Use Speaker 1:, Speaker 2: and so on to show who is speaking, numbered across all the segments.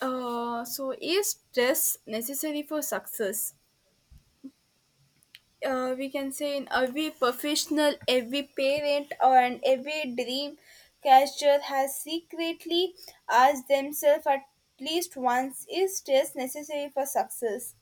Speaker 1: So is stress necessary for success? We can say in every professional, every parent, or and every dream catcher has secretly asked themselves at least once: is stress necessary for success?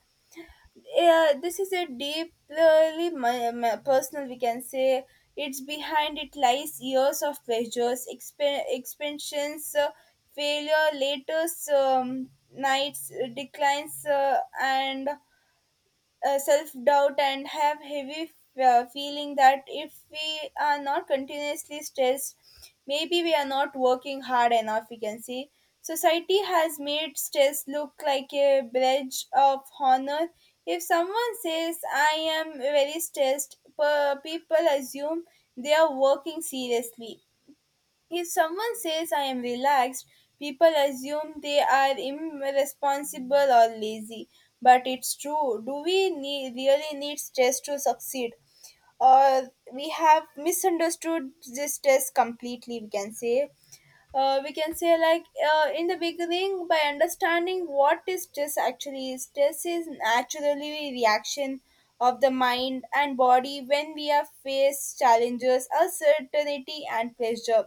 Speaker 1: Yeah, this is a deeply my personal, we can say. It's behind it lies years of pleasures, expansions, failure, latest nights, declines, and self doubt and have heavy feeling that if we are not continuously stressed maybe we are not working hard enough, we can see. Society has made stress look like a badge of honor. If someone says I am very stressed, people assume they are working seriously. If someone says I am relaxed, people assume they are irresponsible or lazy. But it's true. Do we need, really need stress to succeed? Or we have misunderstood this stress completely, we can say. We can say like in the beginning by understanding what is stress actually. Is stress is naturally reaction of the mind and body when we are faced challenges, uncertainty and pressure.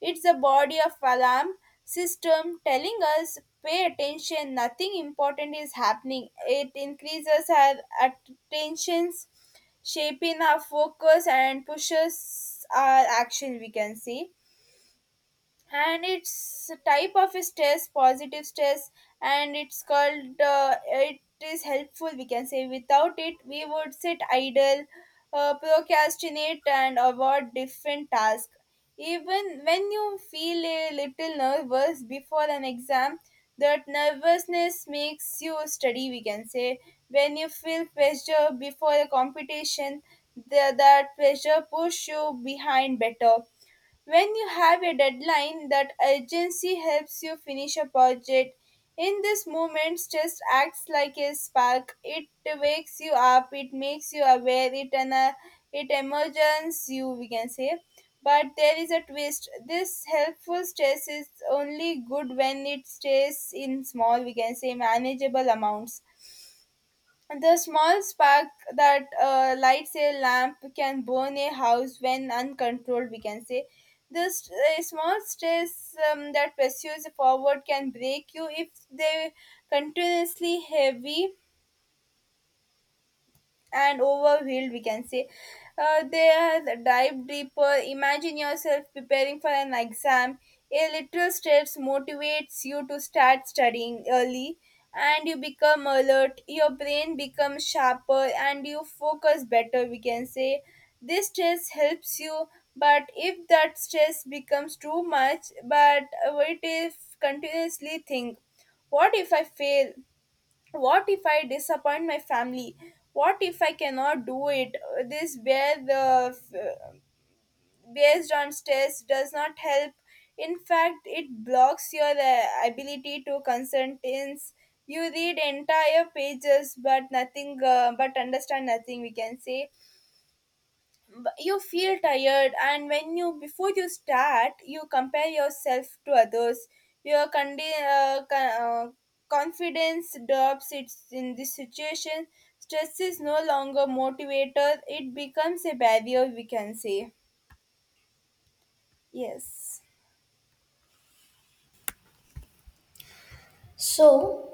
Speaker 1: It's the body of alarm system telling us pay attention, nothing important is happening. It increases our attentions, shaping our focus and pushes our action, we can see. And its type of stress, positive stress, and it's called it is helpful, we can say. Without it, we would sit idle, procrastinate and avoid different tasks. Even when you feel a little nervous before an exam, that nervousness makes you study, we can say. When you feel pressure before a competition, that pressure push you behind better. When you have a deadline, that urgency helps you finish a project. In this moment, stress acts like a spark. It wakes you up, it makes you aware, it emerges you, we can say. But there is a twist. This helpful stress is only good when it stays in small, we can say, manageable amounts. The small spark that lights a lamp can burn a house when uncontrolled, we can say. This small stress that pursues forward can break you if they continuously heavy and overwhelmed, we can say. They have dive deeper. Imagine yourself preparing for an exam. A little steps motivates you to start studying early and you become alert, your brain becomes sharper and you focus better, we can say. This stress helps you, but if that stress becomes too much. But what if continuously think, what if I fail, what if I disappoint my family, what if I cannot do it? This where the based on stress does not help. In fact, it blocks your ability to concentrate. You read entire pages but nothing but understand nothing, we can say. You feel tired and when you before you start you compare yourself to others. Your confidence drops. It's in this situation stress is no longer motivator, it becomes a barrier, we can say. yes
Speaker 2: So,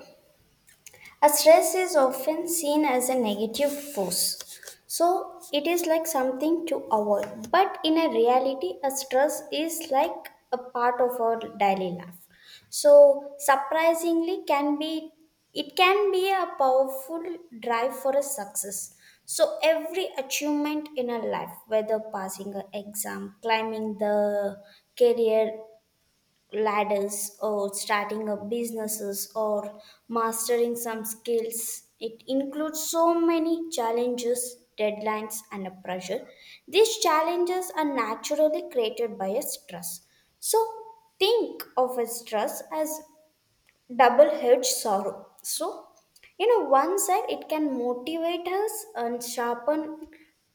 Speaker 2: a stress is often seen as a negative force. So, it is like something to avoid. But in a reality, a stress is like a part of our daily life. So, surprisingly, can be it can be a powerful drive for a success. So, every achievement in our life, whether passing an exam, climbing the career ladders, or starting up businesses, or mastering some skills. It includes so many challenges, deadlines, and a pressure. These challenges are naturally created by a stress. So think of a stress as double edged sorrow. So, one side it can motivate us and sharpen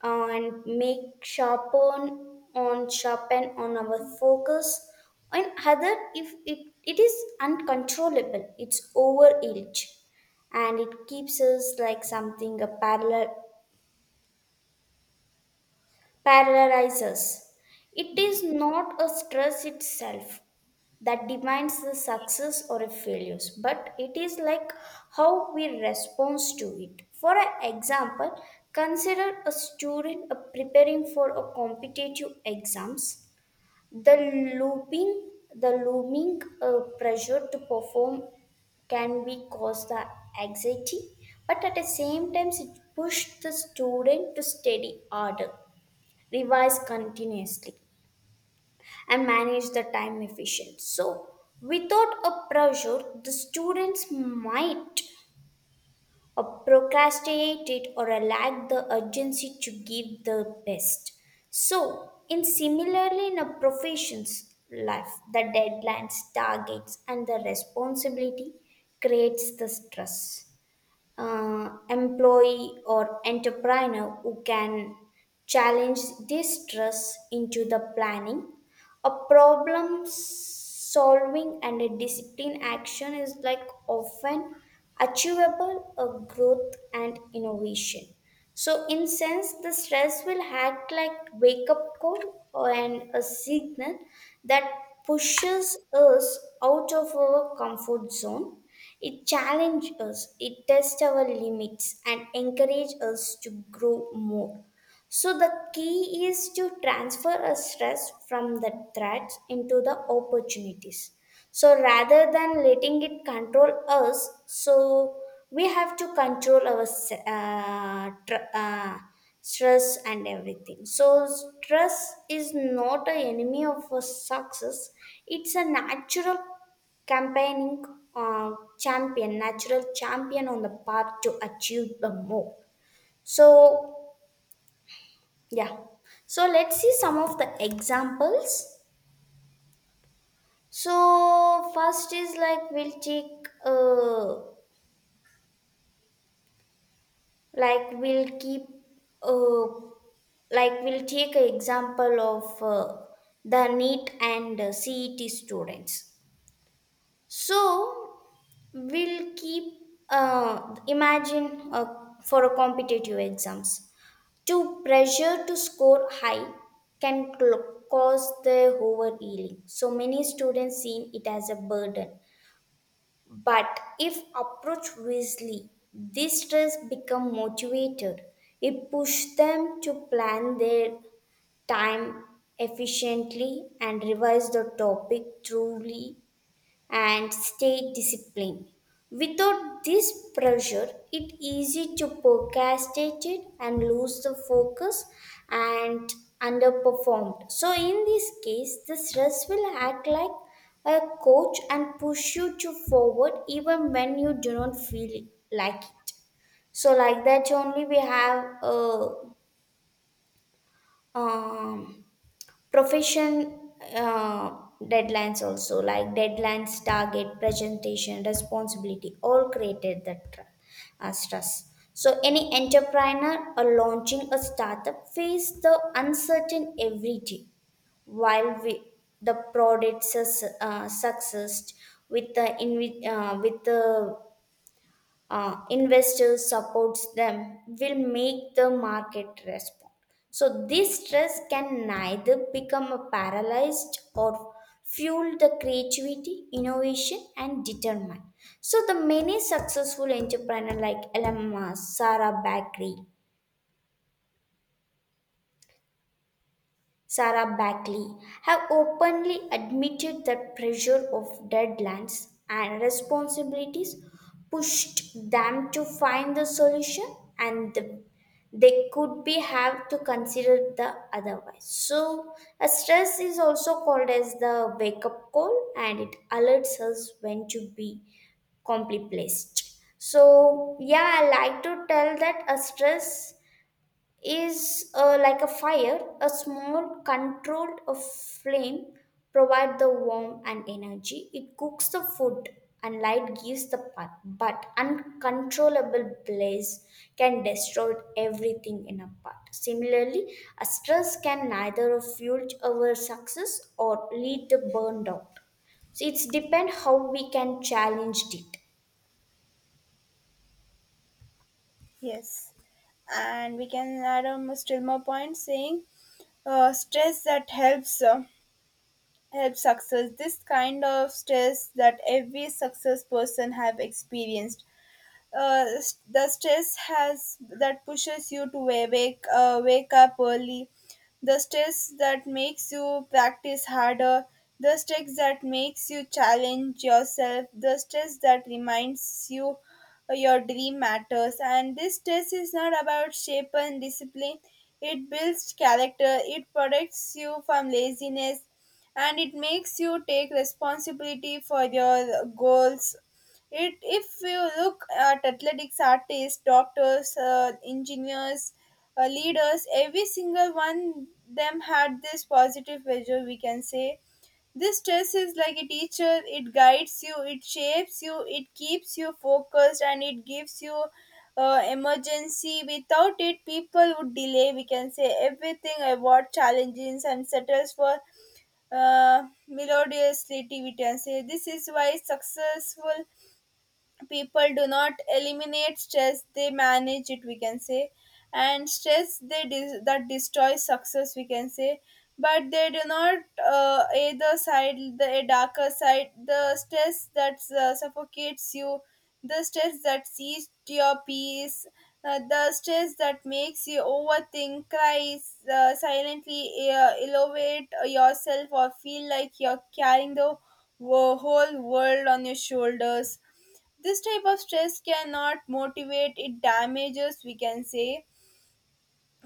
Speaker 2: and make sharpen on sharpen on our focus. And other, if it is uncontrollable, it's over edge and it keeps us like something a parallel paralyzes. It is not a stress itself that defines the success or a failures, but it is like how we respond to it. For an example, consider a student preparing for a competitive exams. The looming pressure to perform can be cause the anxiety, but at the same time, it pushed the student to study harder, revise continuously, and manage the time efficient. So without a pressure the students might procrastinate it or lack the urgency to give the best. So in similarly in a profession's life, the deadlines, targets, and the responsibility creates the stress. Employee or entrepreneur who can challenge this stress into the planning. A problem solving and a discipline action is like often achievable of growth and innovation. So in sense, the stress will act like wake up call or and a signal that pushes us out of our comfort zone. It challenges us, it tests our limits, and encourages us to grow more. So the key is to transfer a stress from the threats into the opportunities. So rather than letting it control us, so we have to control our stress and everything. So stress is not an enemy of a success; it's a natural campaigning uh, champion, natural champion on the path to achieve the more. So yeah. So let's see some of the examples. So first is like we'll take like we'll keep uh like we'll take an example of the NEET and CET students. So we'll keep imagine for a competitive exams. Too pressure to score high can cause the overeating. So many students see it as a burden. But if approached wisely, this stress become motivated. It pushes them to plan their time efficiently and revise the topic truly and stay disciplined. Without this pressure, it easy to procrastinate it and lose the focus and underperformed. So in this case, the stress will act like a coach and push you to forward even when you do not feel like it. So like that only we have a um, profession deadlines, also like deadlines, target, presentation, responsibility, all created that stress. So any entrepreneur or launching a startup face the uncertain every day. While we, the product success with the investors supports them will make the market respond. So this stress can neither become a paralyzed or fuel the creativity, innovation, and determine. So the many successful entrepreneurs like Elon Musk, Sarah Bakery, Sarah Backley have openly admitted that pressure of deadlines and responsibilities pushed them to find the solution and the- they could be have to consider the otherwise. So a stress is also called as the wake up call, and it alerts us when to be complete placed. So yeah, I like to tell that a stress is like a fire, a small controlled flame provide the warmth and energy. It cooks the food and light gives the path, but uncontrollable blaze can destroy everything in a path. Similarly, a stress can neither fuel our success or lead to burned out. So it's depend how we can challenge it.
Speaker 1: yes and we can add on a still more point saying stress that helps help success. This kind of stress that every success person have experienced, uh, the stress has that pushes you to wake up early, the stress that makes you practice harder, the stress that makes you challenge yourself, the stress that reminds you your dream matters. And this stress is not about shape and discipline, it builds character, it protects you from laziness, and it makes you take responsibility for your goals. It, if you look at athletics, artists, doctors, engineers, leaders, every single one them had this positive pressure, we can say. This stress is like a teacher. It guides you, it shapes you, it keeps you focused, and it gives you emergency. Without it, people would delay, we can say, everything, avoid challenges, and settles for melodiously, we can say. This is why successful people do not eliminate stress, they manage it, we can say. And stress they that destroys success, we can say, but they do not. Either side the a darker side, the stress that suffocates you, the stress that sees to your peace, the stress that makes you overthink, cries silently, elevate yourself or feel like you're carrying the whole world on your shoulders. This type of stress cannot motivate, it damages, we can say.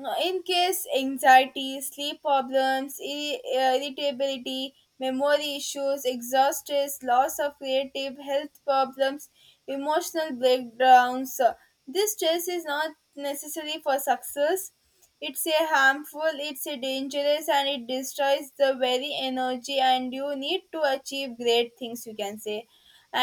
Speaker 1: In case anxiety, sleep problems, irritability, memory issues, exhaust stress, loss of creative, health problems, emotional breakdowns. This stress is not necessary for success, it's a harmful, it's a dangerous and it destroys the very energy and you need to achieve great things, you can say.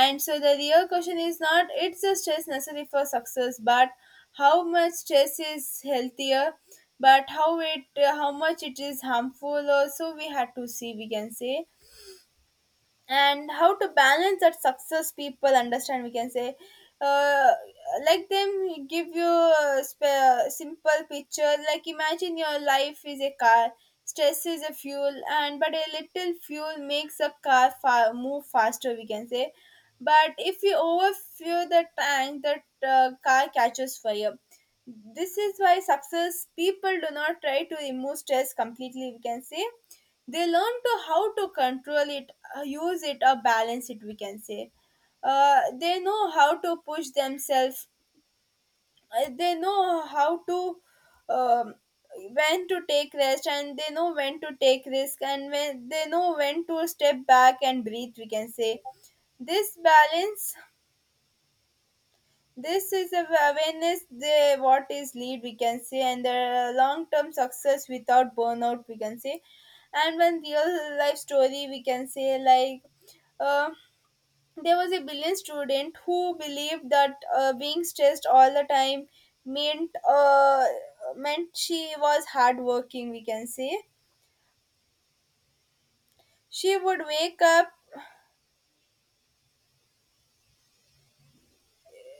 Speaker 1: And so the real question is not it's the stress necessary for success, but how much stress is healthier, but how it how much it is harmful. Also, we had to see, we can say. And how to balance that success people understand, we can say. uh, like them give you a simple picture, like imagine your life is a car, stress is a fuel. And but a little fuel makes a car move faster, we can say. But if you overfuel the tank, the car catches fire. This is why success people do not try to remove stress completely, we can say. They learn to how to control it, use it or balance it, we can say. They know how to push themselves. They know how to um, when to take rest, and they know when to take risk and when they know when to step back and breathe, we can say. This balance, this is a awareness the what is lead, we can say, and the long term success without burnout, we can say. And one real life story we can say, like uh, there was a brilliant student who believed that being stressed all the time meant uh, meant she was hardworking, we can say. She would wake up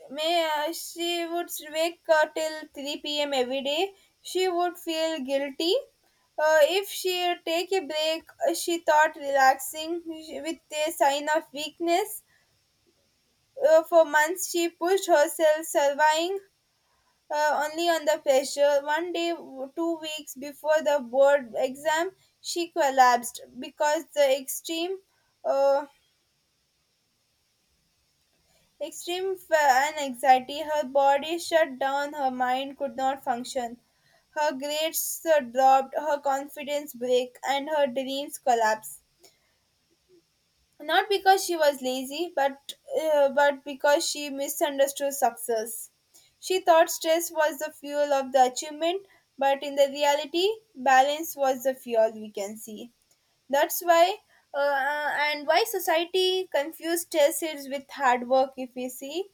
Speaker 1: May she would wake till 3 p.m. every day. She would feel guilty. If she take a break, she thought relaxing with a sign of weakness. For months, she pushed herself, surviving only on the pressure. One day, 2 weeks before the board exam, she collapsed because the extreme uh, extreme fear and anxiety, her body shut down, her mind could not function. Her grades dropped, her confidence broke, and her dreams collapsed. Not because she was lazy, but because she misunderstood success. She thought stress was the fuel of the achievement, but in the reality, balance was the fuel, we can see. That's why, and why society confused stress with hard work, if we see.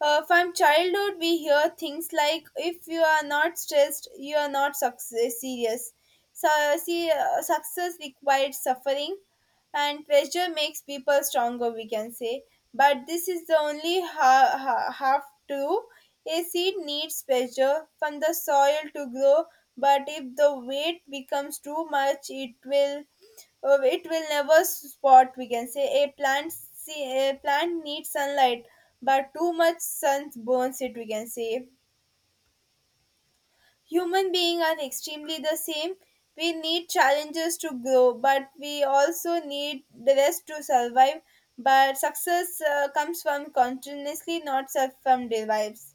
Speaker 1: From childhood, we hear things like if you are not stressed, you are not serious. So, see, success requires suffering, and pressure makes people stronger, we can say. But this is the only half true. A seed needs pressure from the soil to grow, but if the weight becomes too much, it will never spot, we can say. A plant see, a plant needs sunlight, but too much sun burns it, we can say. Human beings are extremely the same. We need challenges to grow, but we also need the rest to survive. But success comes from continuously not self from derives.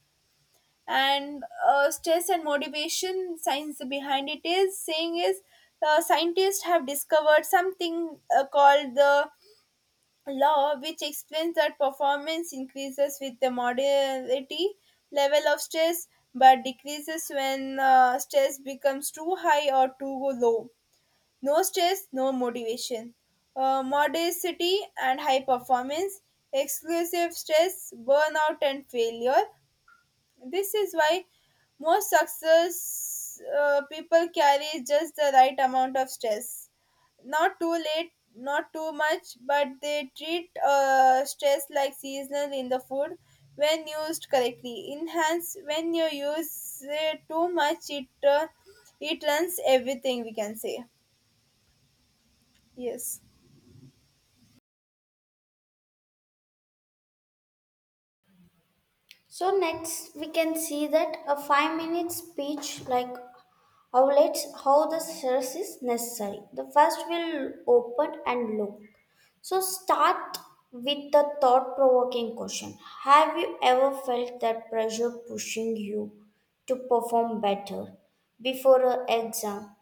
Speaker 1: And stress and motivation science behind it is saying is scientists have discovered something called the law which explains that performance increases with the moderate level of stress but decreases when stress becomes too high or too low. No stress no motivation, modesty and high performance, exclusive stress burnout and failure. This is why most success people carry just the right amount of stress. Not too late, not too much, but they treat stress like seasonal in the food when used correctly. Enhance when you use it too much, it runs everything, we can say. Yes.
Speaker 2: So next we can see that a 5 minute speech like outlets how the stress is necessary. The first will open and look. So start with the thought provoking question. Have you ever felt that pressure pushing you to perform better before an exam,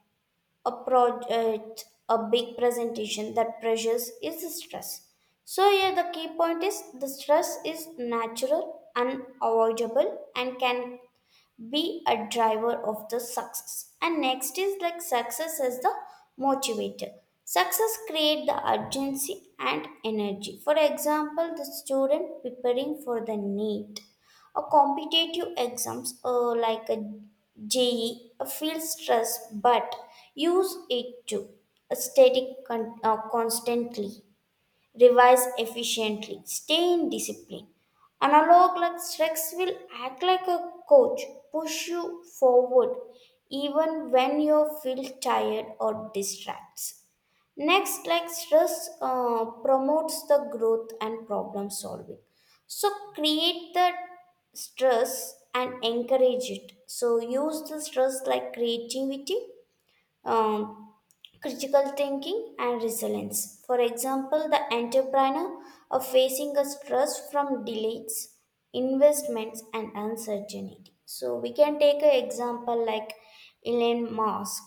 Speaker 2: a project, a big presentation, that pressures is stress. So here the key point is the stress is natural, unavoidable, and can be a driver of the success. And next is like success as the motivator. Success create the urgency and energy. For example, the student preparing for the need, a competitive exams like a JE feel stress but use it to study constantly, revise efficiently, stay in discipline. Analog like Strex will act like a coach, push you forward even when you feel tired or distracts. Next, like stress promotes the growth and problem solving. So create the stress and encourage it. So use the stress like creativity. Um, Critical thinking and resilience. For example, the entrepreneur are facing a stress from delays, investments, and uncertainty. So we can take an example like Elon Musk,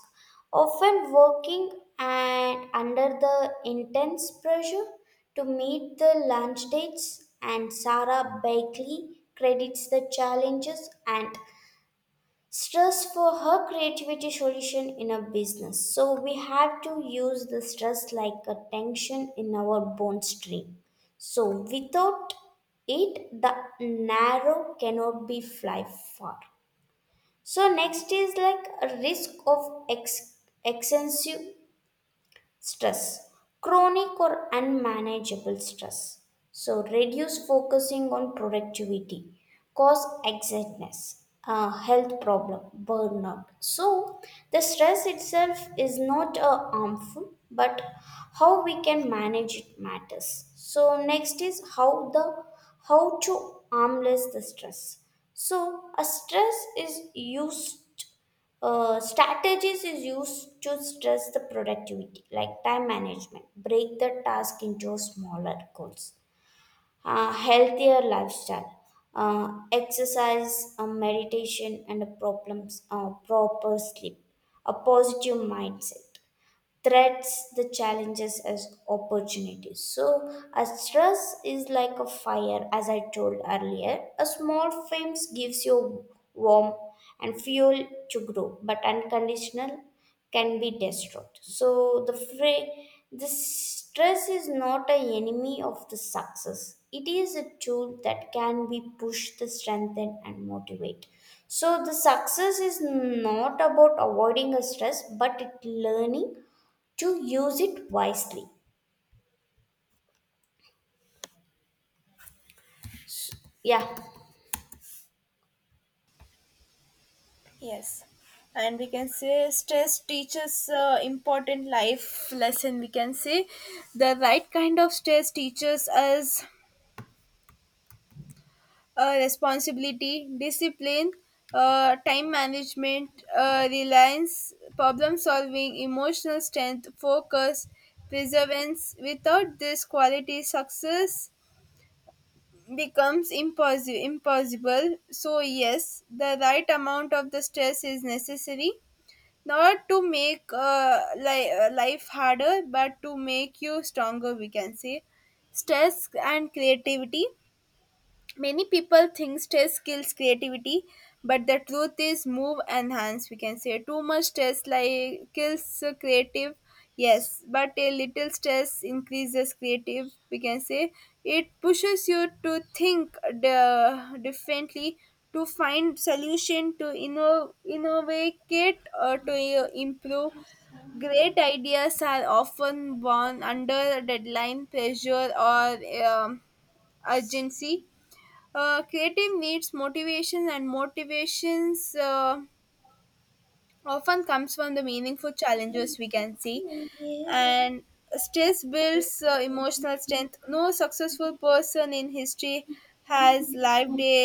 Speaker 2: often working and under the intense pressure to meet the launch dates, and Sarah Bakley credits the challenges and stress for her creativity solution in a business. So we have to use the stress like a tension in our bone string. So without it, the narrow cannot be fly far. So next is like a risk of extensive stress, chronic or unmanageable stress. So, reduce focusing on productivity, cause anxieties, health problem, burnout. So, the stress itself is not harmful, but how we can manage it matters. So, next is how to harmless the stress. So, a stress is used strategies is used to stress the productivity, like time management, break the task into smaller goals, healthier lifestyle, exercise, meditation, and a problems, proper sleep, a positive mindset, threats the challenges as opportunities. So a stress is like a fire, as I told earlier, a small flame gives you warmth and fuel to grow, but unconditional can be destroyed. So the fra- the stress is not an enemy of the success, it is a tool that can be pushed to strengthen and motivate. So the success is not about avoiding a stress but it learning to use it wisely. Yeah.
Speaker 1: Yes, and we can say stress teaches important life lesson, we can say. The right kind of stress teaches us responsibility, discipline, time management, reliance, problem solving, emotional strength, focus, perseverance. Without this quality, success becomes impossible. Impossible. So yes, the right amount of the stress is necessary not to make life harder but to make you stronger, we can say. Stress and creativity, many people think stress kills creativity, but the truth is move enhance. We can say too much stress like kills creative. Yes, but a little stress increases creative, we can say. It pushes you to think the differently, to find solution to innovate or to improve. Great ideas are often born under deadline pressure or um, urgency. Creative needs motivation, and motivations often comes from the meaningful challenges, we can see. And stress builds emotional strength. No successful person in history has lived a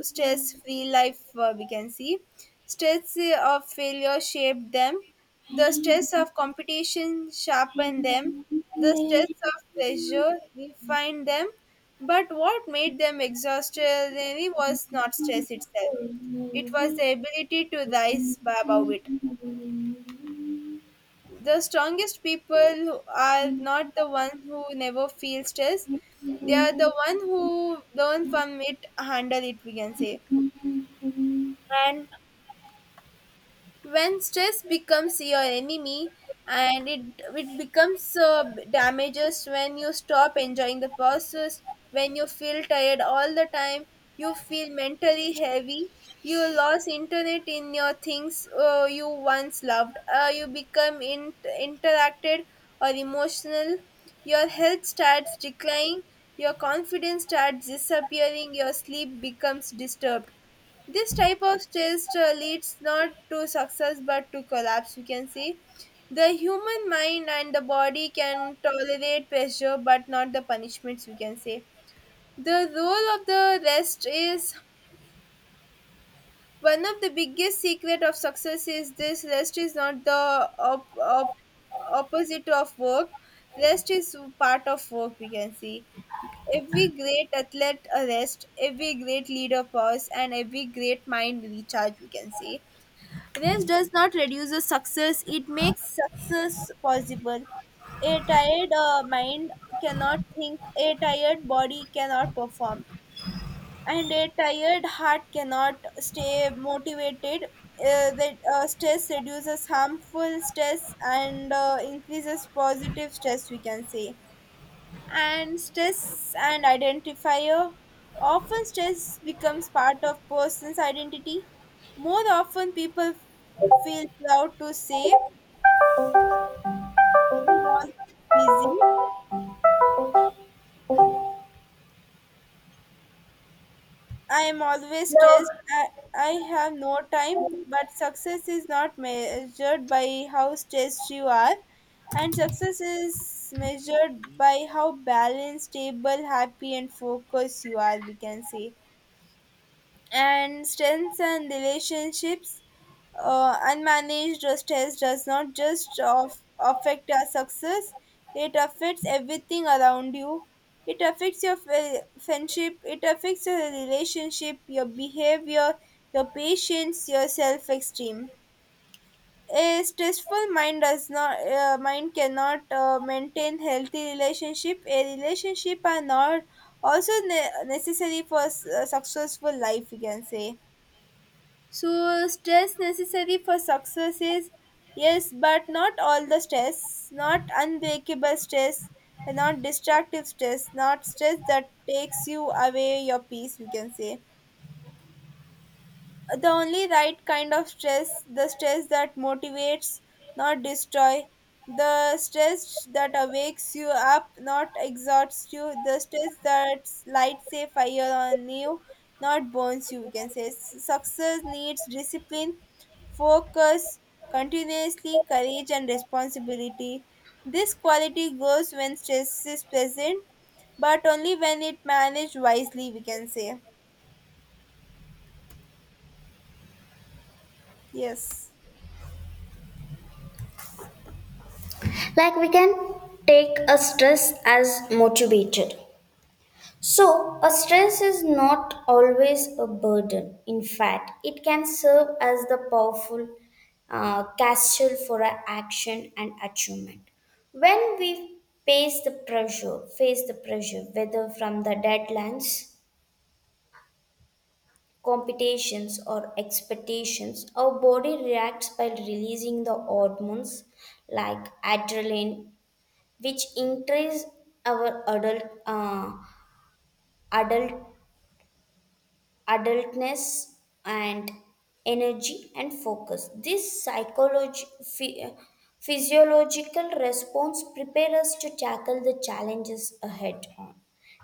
Speaker 1: stress free life, we can see. Stress of failure shaped them, the stress of competition sharpened them, the stress of pressure refined them. But what made them extraordinary was not stress itself. It was the ability to rise above it. The strongest people are not the one who never feel stress. They are the one who learn from it, handle it, we can say. And when stress becomes your enemy, and it becomes damages, when you stop enjoying the process, when you feel tired all the time, you feel mentally heavy, you lose internet in your things, you once loved, you become interacted or emotional, your health starts declining, your confidence starts disappearing, your sleep becomes disturbed. This type of stress leads not to success but to collapse, you can see. The human mind and the body can tolerate pressure but not the punishments, you can say. The role of the rest is one of the biggest secret of success is this: rest is not the opposite of work. Rest is part of work, we can see. Every great athlete a rest, every great leader pause, and every great mind recharge, we can say. Race does not reduce the success, it makes success possible. A tired mind cannot think, a tired body cannot perform, and a tired heart cannot stay motivated. That stress reduces harmful stress and increases positive stress, we can say. And stress and identifier, often stress becomes part of person's identity. More often people feel proud to say I'm always busy, I am always stressed, I have no time. But success is not measured by how stressed you are, and success is measured by how balanced, stable, happy and focused you are, we can say. And strengthen relationships. Unmanaged stress does not just affect our success, it affects everything around you. It affects your friendship, it affects your relationship, your behavior, your patience, your self esteem. A stressful mind does not mind cannot maintain healthy relationship. A relationship are not also necessary for a successful life, we can say. So, stress necessary for success is yes, but not all the stress, not unbreakable stress, and not destructive stress, not stress that takes you away your peace, you can say. The only right kind of stress, the stress that motivates, not destroy, the stress that awakes you up, not exhausts you, the stress that lights a fire on you, not burns you, we can say. Success needs discipline, focus, continuously, courage and responsibility. This quality grows when stress is present, but only when it managed wisely, we can say. Yes.
Speaker 2: Like we can take a stress as motivated. So, a stress is not always a burden. In fact, it can serve as the powerful castle for our action and achievement. When we face the pressure, whether from the deadlines, competitions, or expectations, our body reacts by releasing the hormones like adrenaline, which increase our adult adultness and energy and focus. This phy- uh, physiological response prepare us to tackle the challenges ahead on.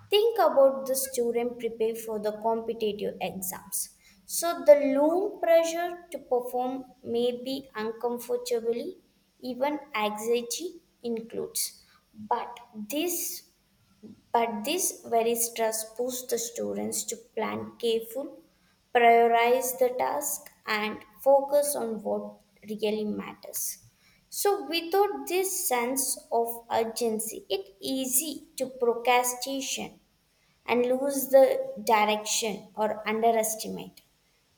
Speaker 2: Think about the student prepare for the competitive exams. So the loom pressure to perform may be uncomfortably, even anxiety includes. But this but this very stress pushed the students to plan careful, prioritize the task, and focus on what really matters. So without this sense of urgency, it easy to procrastination and lose the direction or underestimate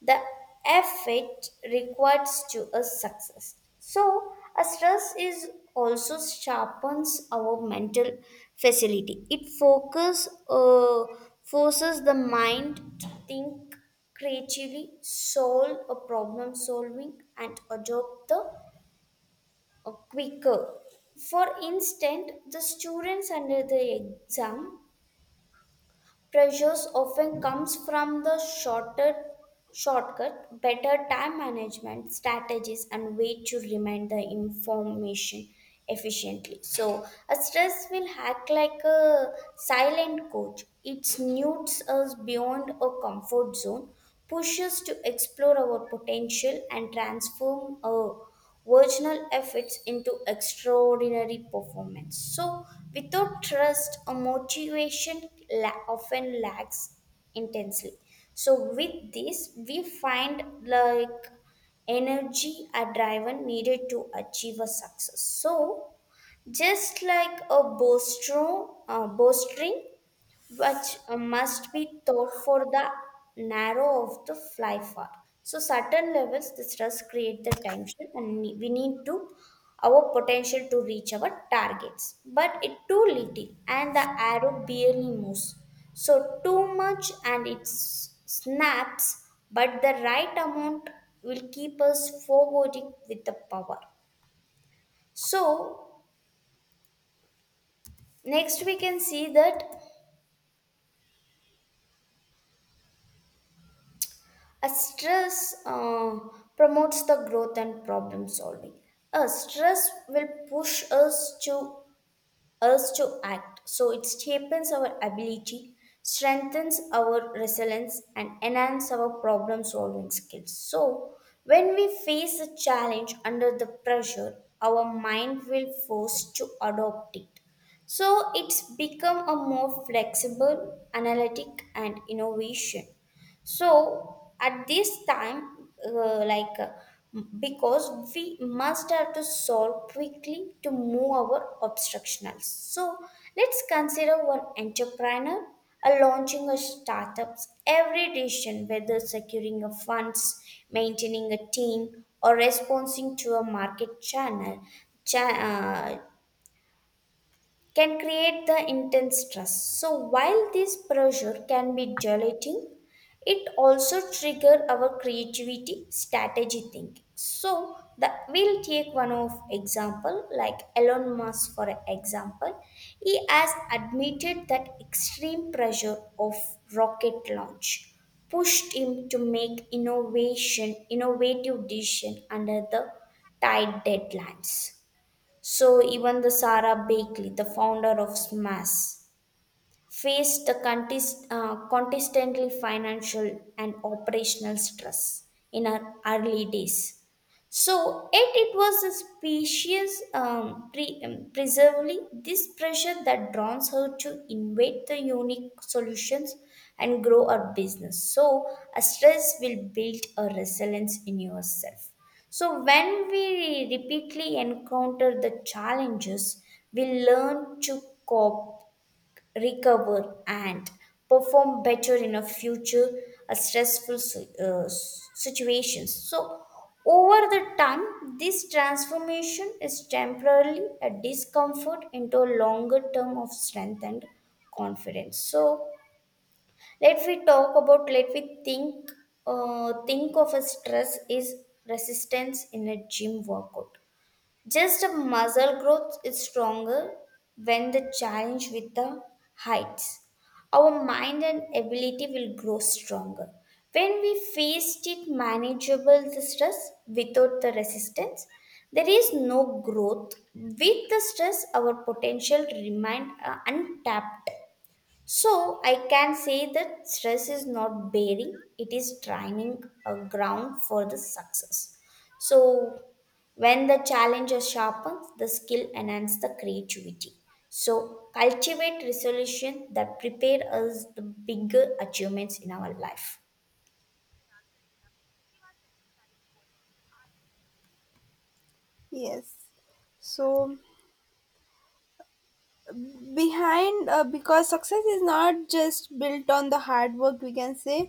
Speaker 2: the effort required to a success. So, a stress is also sharpens our mental facility. It focus forces the mind to think creatively, solve a problem solving, and adopt the quicker. For instance, the students under the exam pressures often comes from the shorter shortcut, better time management strategies and way to remind the information efficiently. So a stress will act like a silent coach, it snoots us beyond a comfort zone, pushes to explore our potential, and transform us virginal efforts into extraordinary performance. So, without trust, a motivation often lacks intensely. So, with this, we find like energy are driven needed to achieve a success. So, just like a bowstring, which must be thought for the narrow of the fly far. So certain levels, the stress create the tension, and we need to our potential to reach our targets. But it too little, and the arrow barely moves. So too much, and it snaps. But the right amount will keep us forwarding with the power. So next we can see that a stress promotes the growth and problem solving. A stress will push us to act. So it shapes our ability, strengthens our resilience, and enhance our problem solving skills. So when we face a challenge under the pressure, our mind will force to adopt it. So it's become a more flexible, analytic, and innovation. So at this time because we must have to solve quickly to move our obstructionals. So let's consider one entrepreneur a launching a startups, every decision whether securing a funds, maintaining a team, or responding to a market channel cha- uh, can create the intense stress. So while this pressure can be deleting, it also trigger our creativity, strategy thinking. We'll take one of example like Elon Musk for example. He has admitted that extreme pressure of rocket launch pushed him to make innovative decision under the tight deadlines. So even the Sarah Bakley, the founder of SMAS, faced the consistently financial and operational stress in her early days. So, yet it was a preservely this pressure that draws her to invent the unique solutions and grow her business. So, a stress will build a resilience in yourself. So, when we repeatedly encounter the challenges, we learn to cope recover and perform better in a future a situations. So over the time this transformation is temporarily a discomfort into a longer term of strength and confidence. So let we think of a stress is resistance in a gym workout, just a muscle growth is stronger when the challenge with the heights. Our mind and ability will grow stronger. When we faced it manageable the stress without the resistance, there is no growth. With the stress, our potential remained untapped. So I can say that stress is not bearing, it is training a ground for the success. So when the challenge sharpens the skill enhances the creativity. So cultivate resolution that prepare us the bigger achievements in our life.
Speaker 1: Yes. So behind because success is not just built on the hard work, we can say,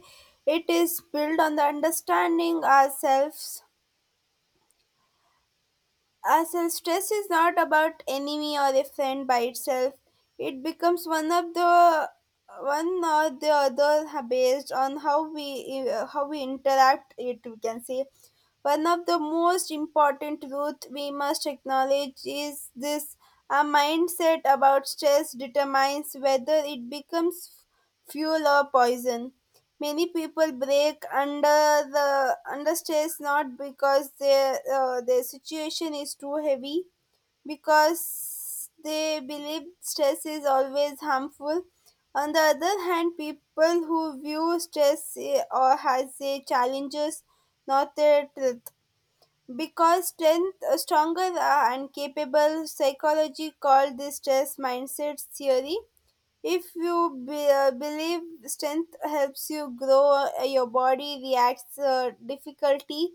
Speaker 1: it is built on the understanding ourselves. Self stress is not about enemy or a friend by itself. It becomes one of the one or the other based on how we how we interact it, we can say. One of the most important truth we must acknowledge is this: our mindset about stress determines whether it becomes fuel or poison. Many people break under the under stress not because their situation is too heavy, because they believe stress is always harmful. On the other hand, people who view stress or as a challenges, not their truth, because strength stronger are incapable. Psychology called this stress mindset theory. If you believe strength helps you grow, your body reacts difficulty,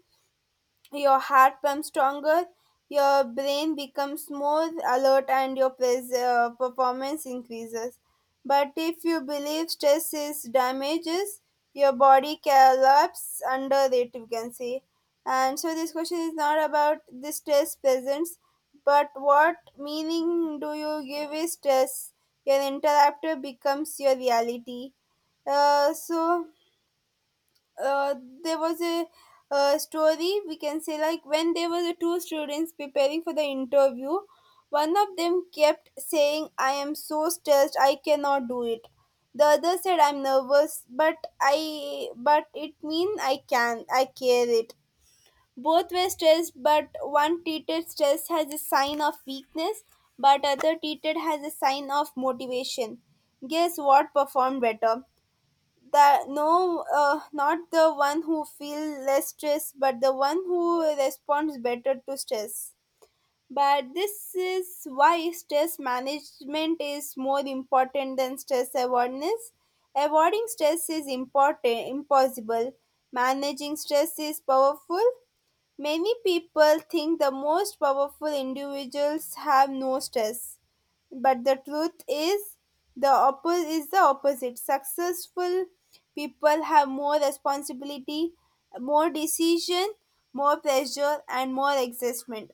Speaker 1: your heart pumps stronger, your brain becomes more alert, and your performance increases. But if you believe stress is damages, your body collapses under it, you can say. And so this question is not about the stress presence, but what meaning do you give is stress? Your interrupter becomes your reality. So uh, there was a story, we can say, like when there were two students preparing for the interview. One of them kept saying I am so stressed, I cannot do it. The other said I'm nervous, but I, but it mean I can, I care it. Both were stressed, but one treated stress as a sign of weakness, but other treated as a sign of motivation. Guess what performed better? That no, not the one who feel less stress, but the one who responds better to stress. But this is why stress management is more important than stress awareness. Avoiding stress is important impossible, managing stress is powerful. Many people think the most powerful individuals have no stress, but the truth is the is the opposite. Successful people have more responsibility, more decision, more pressure, and more excitement.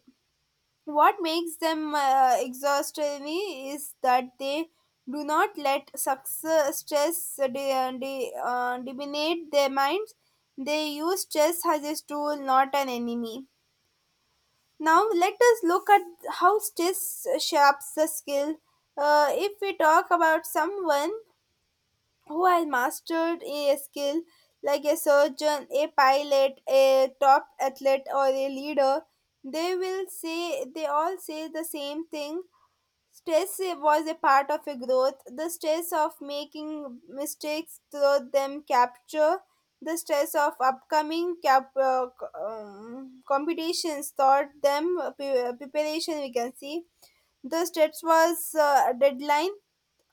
Speaker 1: What makes them exhaustingly is that they do not let success stress dominate their minds. They use stress as a tool, not an enemy. Now let us look at how stress shapes the skill. If we talk about someone who has mastered a skill like a surgeon, a pilot, a top athlete, or a leader, they all say the same thing. Stress was a part of a growth. The stress of making mistakes through them capture, the stress of upcoming competitions taught them preparation, we can see. The stress was deadline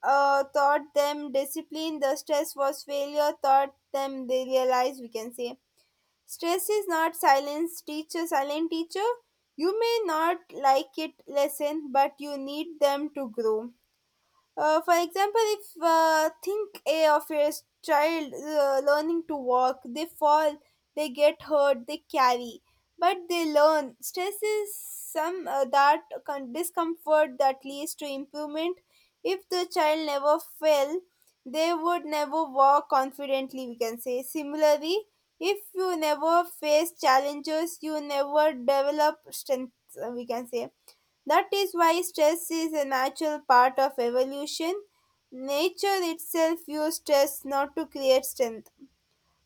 Speaker 1: taught them discipline. The stress was failure taught them they realize, we can say. Stress is not silence teacher, silent teacher. You may not like it lesson, but you need them to grow. For example, if think a of a child learning to walk, they fall, they get hurt, they carry, but they learn. Stress is some that discomfort that leads to improvement. If the child never fell, they would never walk confidently, we can say. Similarly, if you never face challenges, you never develop strength. We can say that is why stress is a natural part of evolution. Nature itself used stress not to create strength.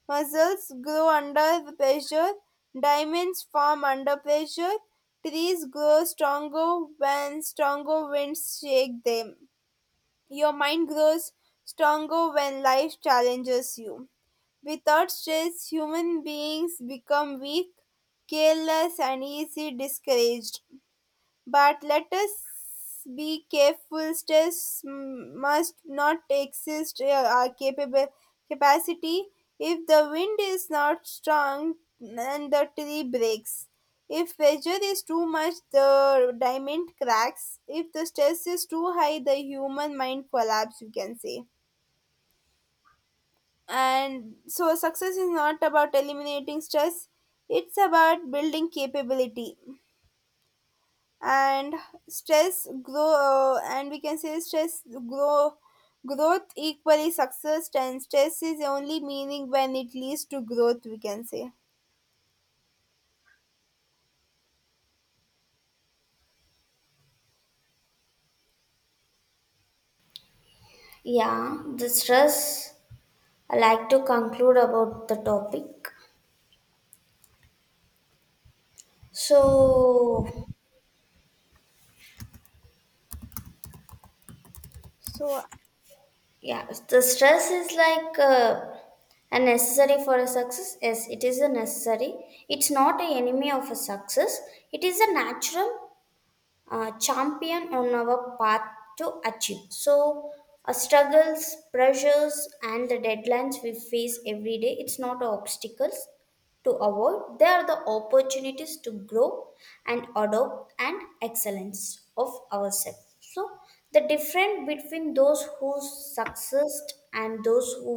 Speaker 1: Muscles grow under pressure, diamonds form under pressure, trees grow stronger when stronger winds shake them. Your mind grows stronger when life challenges you. Without stress, human beings become weak, careless, and easily discouraged. But let us be careful. Stress must not exist our capable capacity. If the wind is not strong and the tree breaks. If pressure is too much, the diamond cracks. If the stress is too high, the human mind collapse, you can say. And so, success is not about eliminating stress, it's about building capability. And stress grow growth equally success, and stress is only meaning when it leads to growth, we can say.
Speaker 2: Yeah, the stress I like to conclude about the topic. So
Speaker 1: So
Speaker 2: yeah, the stress is like a necessary for a success. Yes, it is a necessary. It's not an enemy of a success. It is a natural champion on our path to achieve. So, struggles, pressures, and the deadlines we face every day, it's not obstacles to avoid. They are the opportunities to grow and adopt and excellence of ourselves. So, the difference between those who succeeded and those who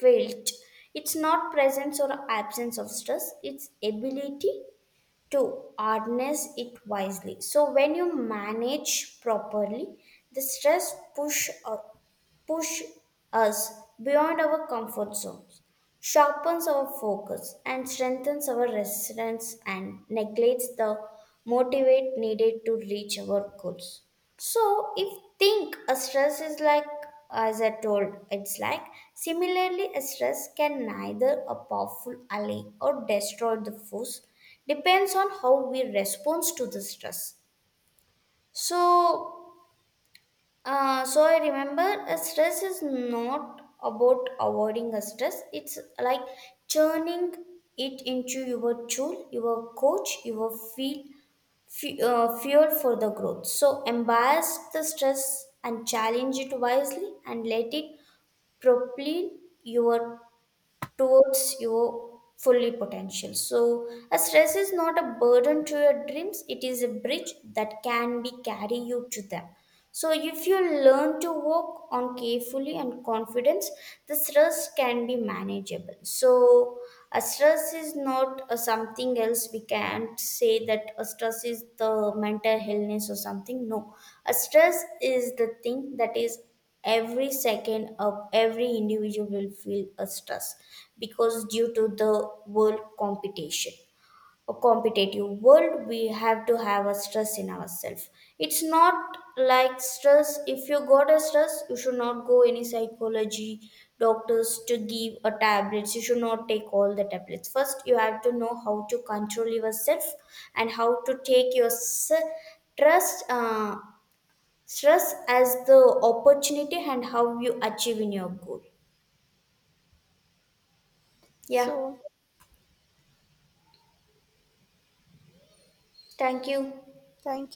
Speaker 2: failed, it's not presence or absence of stress, it's ability to harness it wisely. So when you manage properly, the stress push push us beyond our comfort zones, sharpens our focus, and strengthens our resilience and neglects the motivate needed to reach our goals. So, if think a stress is like, as I told, it's like similarly, a stress can neither a powerful ally or destroy the force, depends on how we respond to the stress. So, so I remember a stress is not about avoiding a stress. It's like turning it into your tool, your coach, your fuel for the growth. So embrace the stress and challenge it wisely and let it propel your towards your fully potential. So a stress is not a burden to your dreams. It is a bridge that can be carry you to them. So, if you learn to work on carefully and confidence, the stress can be manageable. So, a stress is not a something else. We can't say that a stress is the mental illness or something. No, a stress is the thing that is every second of every individual will feel a stress because due to the world competition a competitive world, we have to have a stress in ourselves. It's not like stress. If you got a stress, you should not go any psychology doctors to give a tablets. You should not take all the tablets. First, you have to know how to control yourself and how to take your s- trust stress as the opportunity and how you achieve in your goal. Yeah.
Speaker 1: so,
Speaker 2: Thank you.
Speaker 1: thank you.